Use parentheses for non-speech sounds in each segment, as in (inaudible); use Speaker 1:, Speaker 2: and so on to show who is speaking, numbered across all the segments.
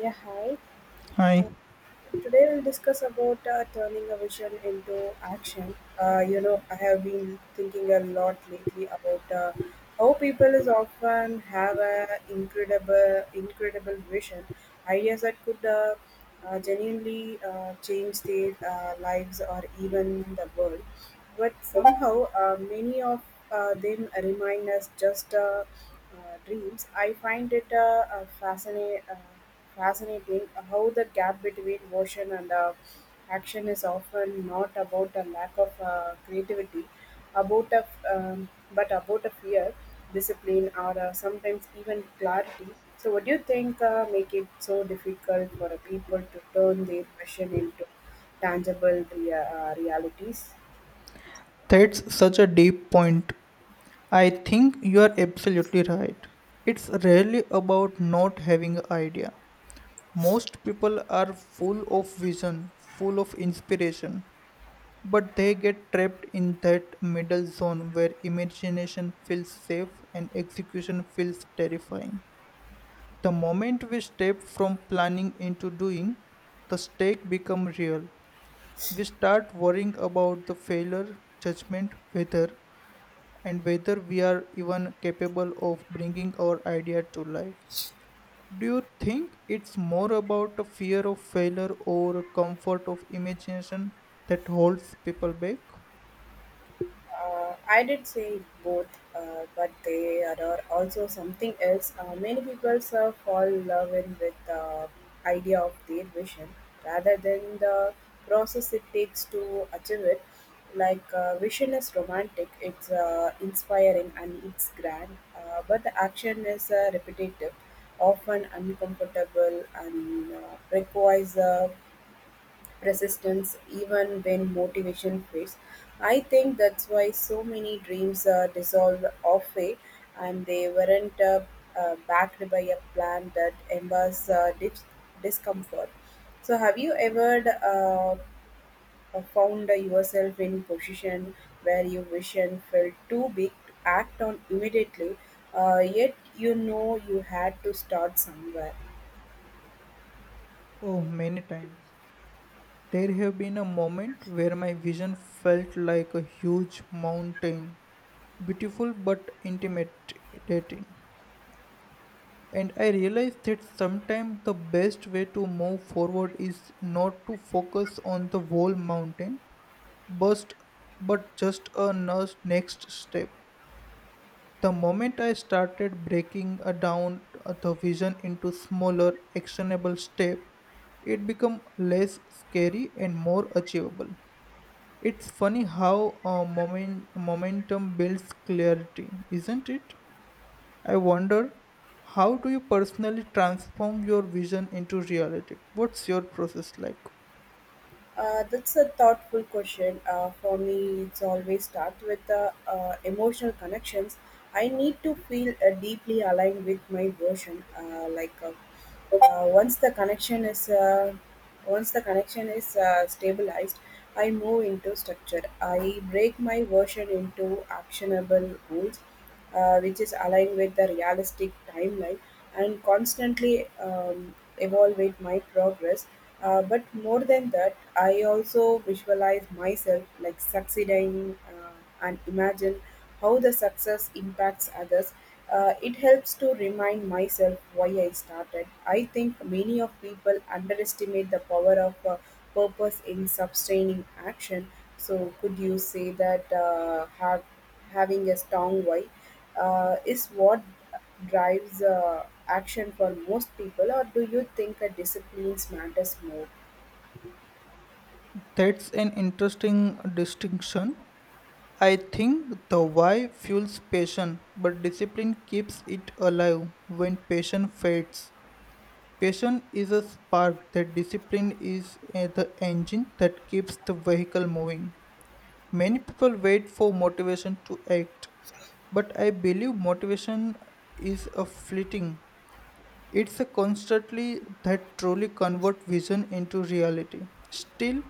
Speaker 1: Yeah, hi.
Speaker 2: Hi,
Speaker 1: Uh, Today we'll discuss about turning a vision into action. I have been thinking a lot lately about how people is often have a incredible vision, ideas that could genuinely change their lives or even the world. But somehow, many of them remind us just dreams. I find it fascinating how the gap between motion and action is often not about a lack of creativity, about a, f- um, but about a fear, discipline, or sometimes even clarity. So, what do you think make it so difficult for people to turn their passion into tangible realities?
Speaker 2: that's such a deep point. I think you are absolutely right. It's rarely about not having an idea. Most people are full of vision, full of inspiration, but they get trapped in that middle zone where imagination feels safe and execution feels terrifying. The moment we step from planning into doing, the stake becomes real. We start worrying about the failure, judgment, whether and whether we are even capable of bringing our idea to life. Do you think it's more about a fear of failure or a comfort of imagination that holds people back?
Speaker 1: I did say both, but they are also something else. Many people fall love in with the idea of their vision rather than the process it takes to achieve it. Like vision is romantic, it's inspiring and it's grand, but the action is repetitive, often uncomfortable, and requires resistance even when motivation fades. I think that's why so many dreams dissolve halfway and they weren't backed by a plan that embars discomfort. So, have you ever uh, found yourself in position where your vision felt too big to act on immediately, yet you know you had to start somewhere?
Speaker 2: Oh, many times. There have been a moment where my vision felt like a huge mountain, beautiful but intimidating. And I realized that sometimes the best way to move forward is not to focus on the whole mountain Bust, but just a nurse next step. The moment I started breaking down the vision into smaller, actionable steps, it became less scary and more achievable. It's funny how momentum builds clarity, isn't it? I wonder, how do you personally transform your vision into reality? What's your process like?
Speaker 1: That's a thoughtful question. For me, it's always start with the emotional connections. I need to feel deeply aligned with my version. Like once the connection is Once the connection is stabilized, I move into structure. I break my version into actionable goals which is aligned with the realistic timeline and constantly evaluate my progress. But more than that, I also visualize myself like succeeding and imagine how the success impacts others. It helps to remind myself why I started. I think many of people underestimate the power of purpose in sustaining action. So, could you say that have having a strong why is what drives action for most people, or do you think a disciplines matters more?
Speaker 2: That's an interesting distinction. I think the why fuels passion, but discipline keeps it alive when passion fades. Passion is a spark that discipline is the engine that keeps the vehicle moving. Many people wait for motivation to act, but I believe motivation is a fleeting, it's a constantly that truly convert vision into reality. Still,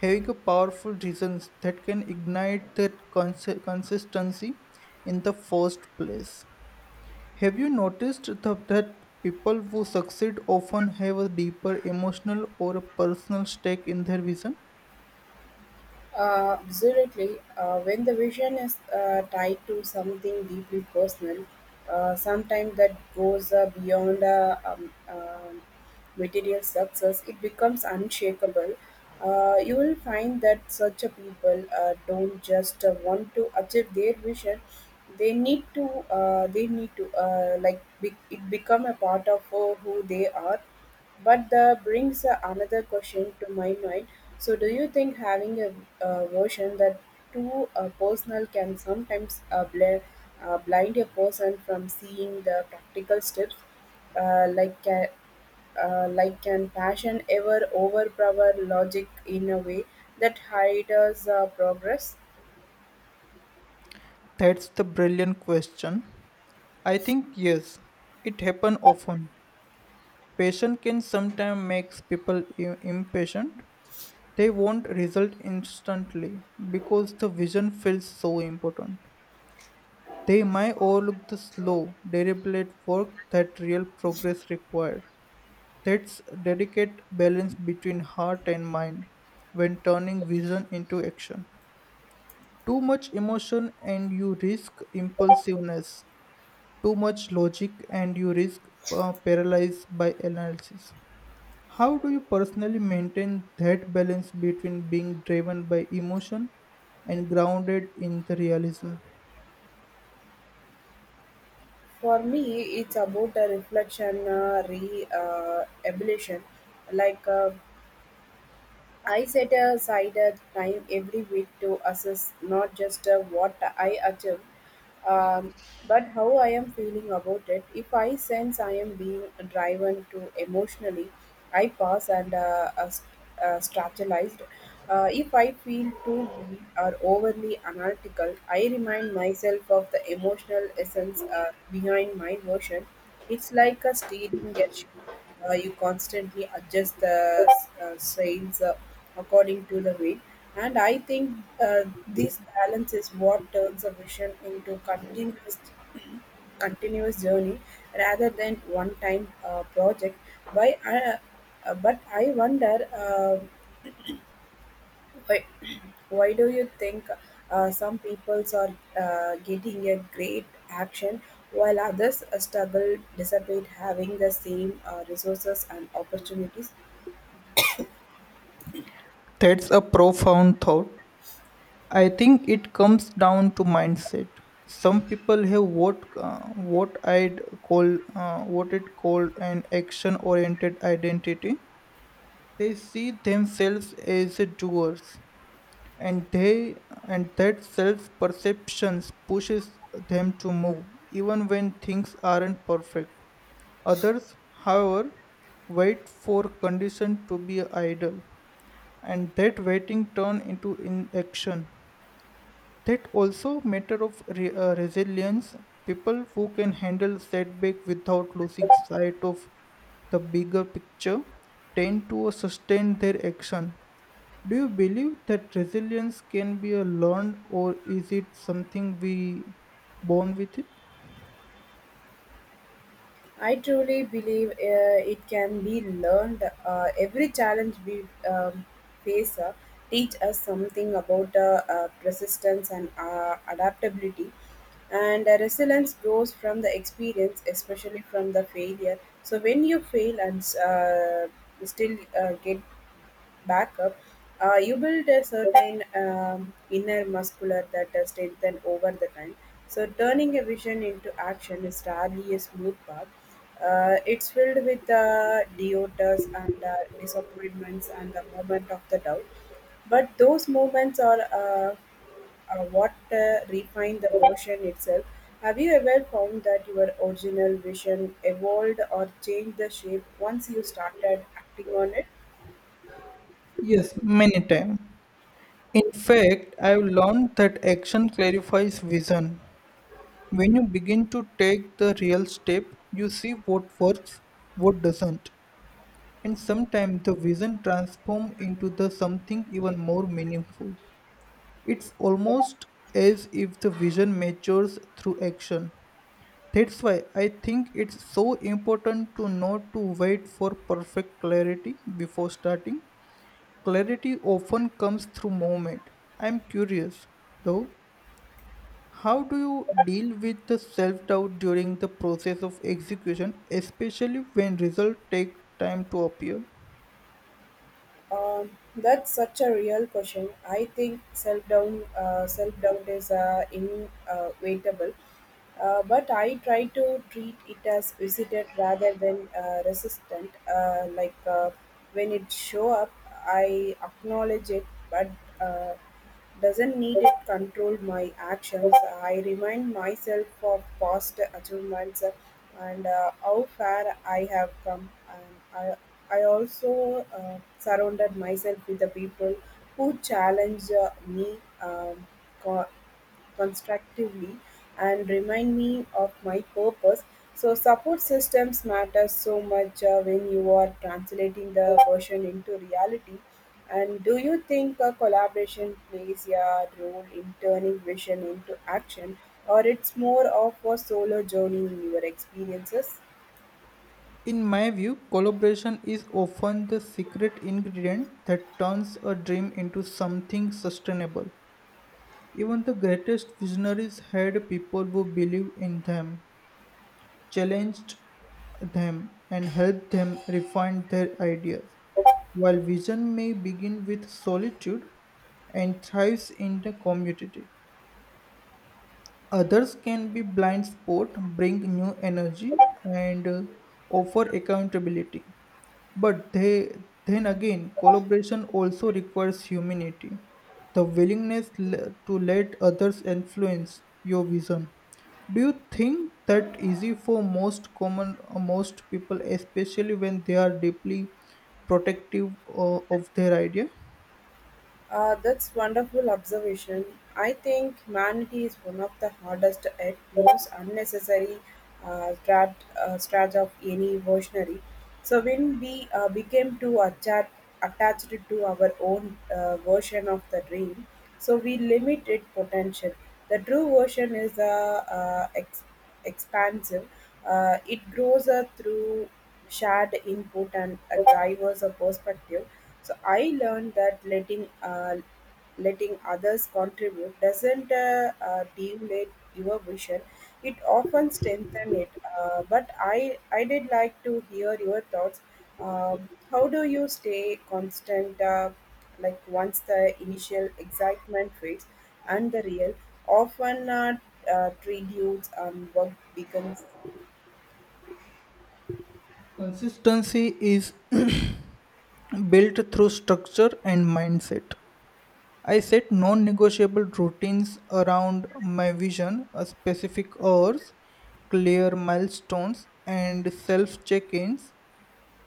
Speaker 2: having a powerful reasons that can ignite that consistency in the first place. Have you noticed that people who succeed often have a deeper emotional or a personal stake in their vision?
Speaker 1: Absolutely. When the vision is tied to something deeply personal, sometimes that goes beyond material success, it becomes unshakable. You will find that such a people don't just want to achieve their vision; they need to. They need to it become a part of who they are, but that brings another question to my mind. So, do you think a version that too personal can sometimes blind a person from seeing the practical steps, uh, like ca- like can passion ever overpower logic in a way that hides progress?
Speaker 2: That's the brilliant question. I think yes, it happens often. Passion can sometimes make people impatient. They won't result instantly because the vision feels so important. They might overlook the slow, deliberate work that real progress requires. That's a delicate balance between heart and mind when turning vision into action. Too much emotion and you risk impulsiveness. Too much logic and you risk paralyzed by analysis. How do you personally maintain that balance between being driven by emotion and grounded in the realism?
Speaker 1: For me, it's about a reflection, re evolution, like. I set aside a time every week to assess not just what I achieve, um, but how I am feeling about it. If I sense I am being driven to emotionally, I pause and strategized. If I feel too deep or overly analytical, I remind myself of the emotional essence behind my motion. It's like a steering a ship, you constantly adjust the sails according to the wind. And I think this balance is what turns a vision into continuous (clears throat) continuous journey rather than one time project by but I wonder why, (clears throat) why do you think some peoples are getting a great action while others struggle despite having the same resources and opportunities?
Speaker 2: That's a profound thought. I think it comes down to mindset. Some people have what I'd call what it called an action-oriented identity. They see themselves as doers, and they and that self perceptions pushes them to move even when things aren't perfect. Others however wait for condition to be idle, and that waiting turn into inaction. That also matter of resilience. People who can handle setback without losing sight of the bigger picture tend to sustain their action. Do you believe that resilience can be a learned, or is it something we born with it?
Speaker 1: I truly believe it can be learned. Every challenge we face teach us something about persistence and adaptability. And resilience grows from the experience, especially from the failure. So when you fail and still get backup, you build a certain inner muscular that strengthen over the time. So turning a vision into action is rarely a smooth path. It's filled with doubters and disappointments and the moment of the doubt. But those moments are what refine the version itself. Have you ever found that your original vision evolved or changed the shape once you started acting on it?
Speaker 2: Yes, many times. In fact, I've learned that action clarifies vision. When you begin to take the real step, you see what works, what doesn't. And sometimes the vision transforms into the something even more meaningful. It's almost as if the vision matures through action. That's why I think it's so important to not to wait for perfect clarity before starting. Clarity often comes through movement. I'm curious though, how do you deal with the self-doubt during the process of execution, especially when results take time to appear?
Speaker 1: That's such a real question. I think self doubt is inevitable, but I try to treat it as visited rather than resistant. When it show up, I acknowledge it, but uh, doesn't need it control my actions. I remind myself of past achievements and how far I have come. I, I also surrounded myself with the people who challenge me co- constructively and remind me of my purpose. So, support systems matter so much when you are translating the version into reality. And do you think a collaboration plays a role in turning vision into action, or it's more of a solo journey in your experiences?
Speaker 2: In my view, collaboration is often the secret ingredient that turns a dream into something sustainable. Even the greatest visionaries had people who believed in them, challenged them, and helped them refine their ideas. While vision may begin with solitude and thrives in the community, others can be blind spot, bring new energy, and offer accountability. But they, then again, collaboration also requires humanity, the to let others influence your vision. Do you think that easy for most people, especially when they are deeply protective of their idea?
Speaker 1: That's wonderful observation. I think humanity is one of the hardest yet most unnecessary uh, strat, strat of any evolutionary. So when we became too attached to our own version of the dream, so we limit its potential. The true version is expansive. It grows through shared input and a diverse perspective. So I learned that letting others contribute doesn't deviate your vision. It often strengthens it. But I did like to hear your thoughts. How do you stay constant? Like once the initial excitement fades and the real often trade and work becomes.
Speaker 2: Consistency is (clears throat) built through structure and mindset. I set non negotiable routines around my vision, specific hours, clear milestones, and self check ins.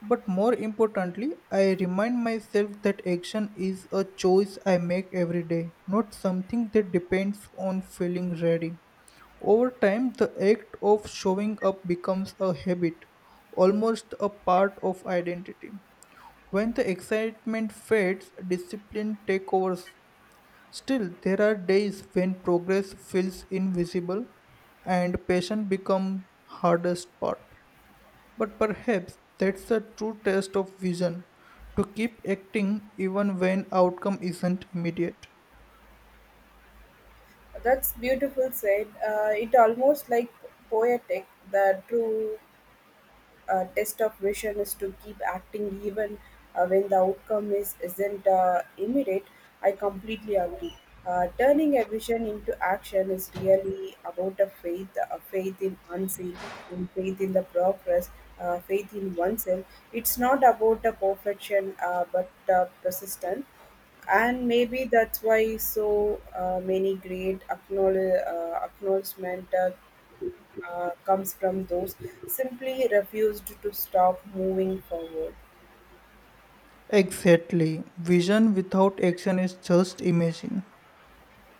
Speaker 2: But more importantly, I remind myself that action is a choice I make every day, not something that depends on feeling ready. Over time, the act of showing up becomes a habit, almost a part of identity. When the excitement fades, discipline takes over. Still, there are days when progress feels invisible and patience becomes hardest part. But perhaps that's the true test of vision, to keep acting even when outcome isn't immediate.
Speaker 1: That's beautiful said. It almost like poetic, the true test of vision is to keep acting even when the outcome is isn't immediate. I completely agree. Turning a vision into action is really about a faith in unseen, in faith in the progress, faith in oneself. It's not about the perfection, but persistence, and maybe that's why so many great acknowledgement comes from those simply refused to stop moving forward.
Speaker 2: Exactly. Vision without action is just imaging.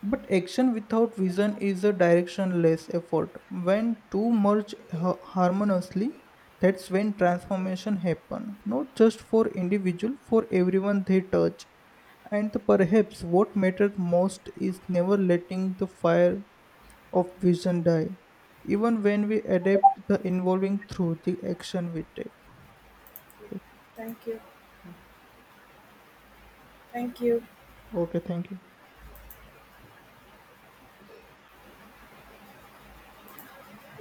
Speaker 2: But action without vision is a directionless effort. When two harmoniously, that's when transformation happen. Not just for individual, for everyone they touch. And perhaps what matters most is never letting the fire of vision die, even when we adapt the involving through the action we take.
Speaker 1: Thank you. Thank you.
Speaker 2: Okay, thank you.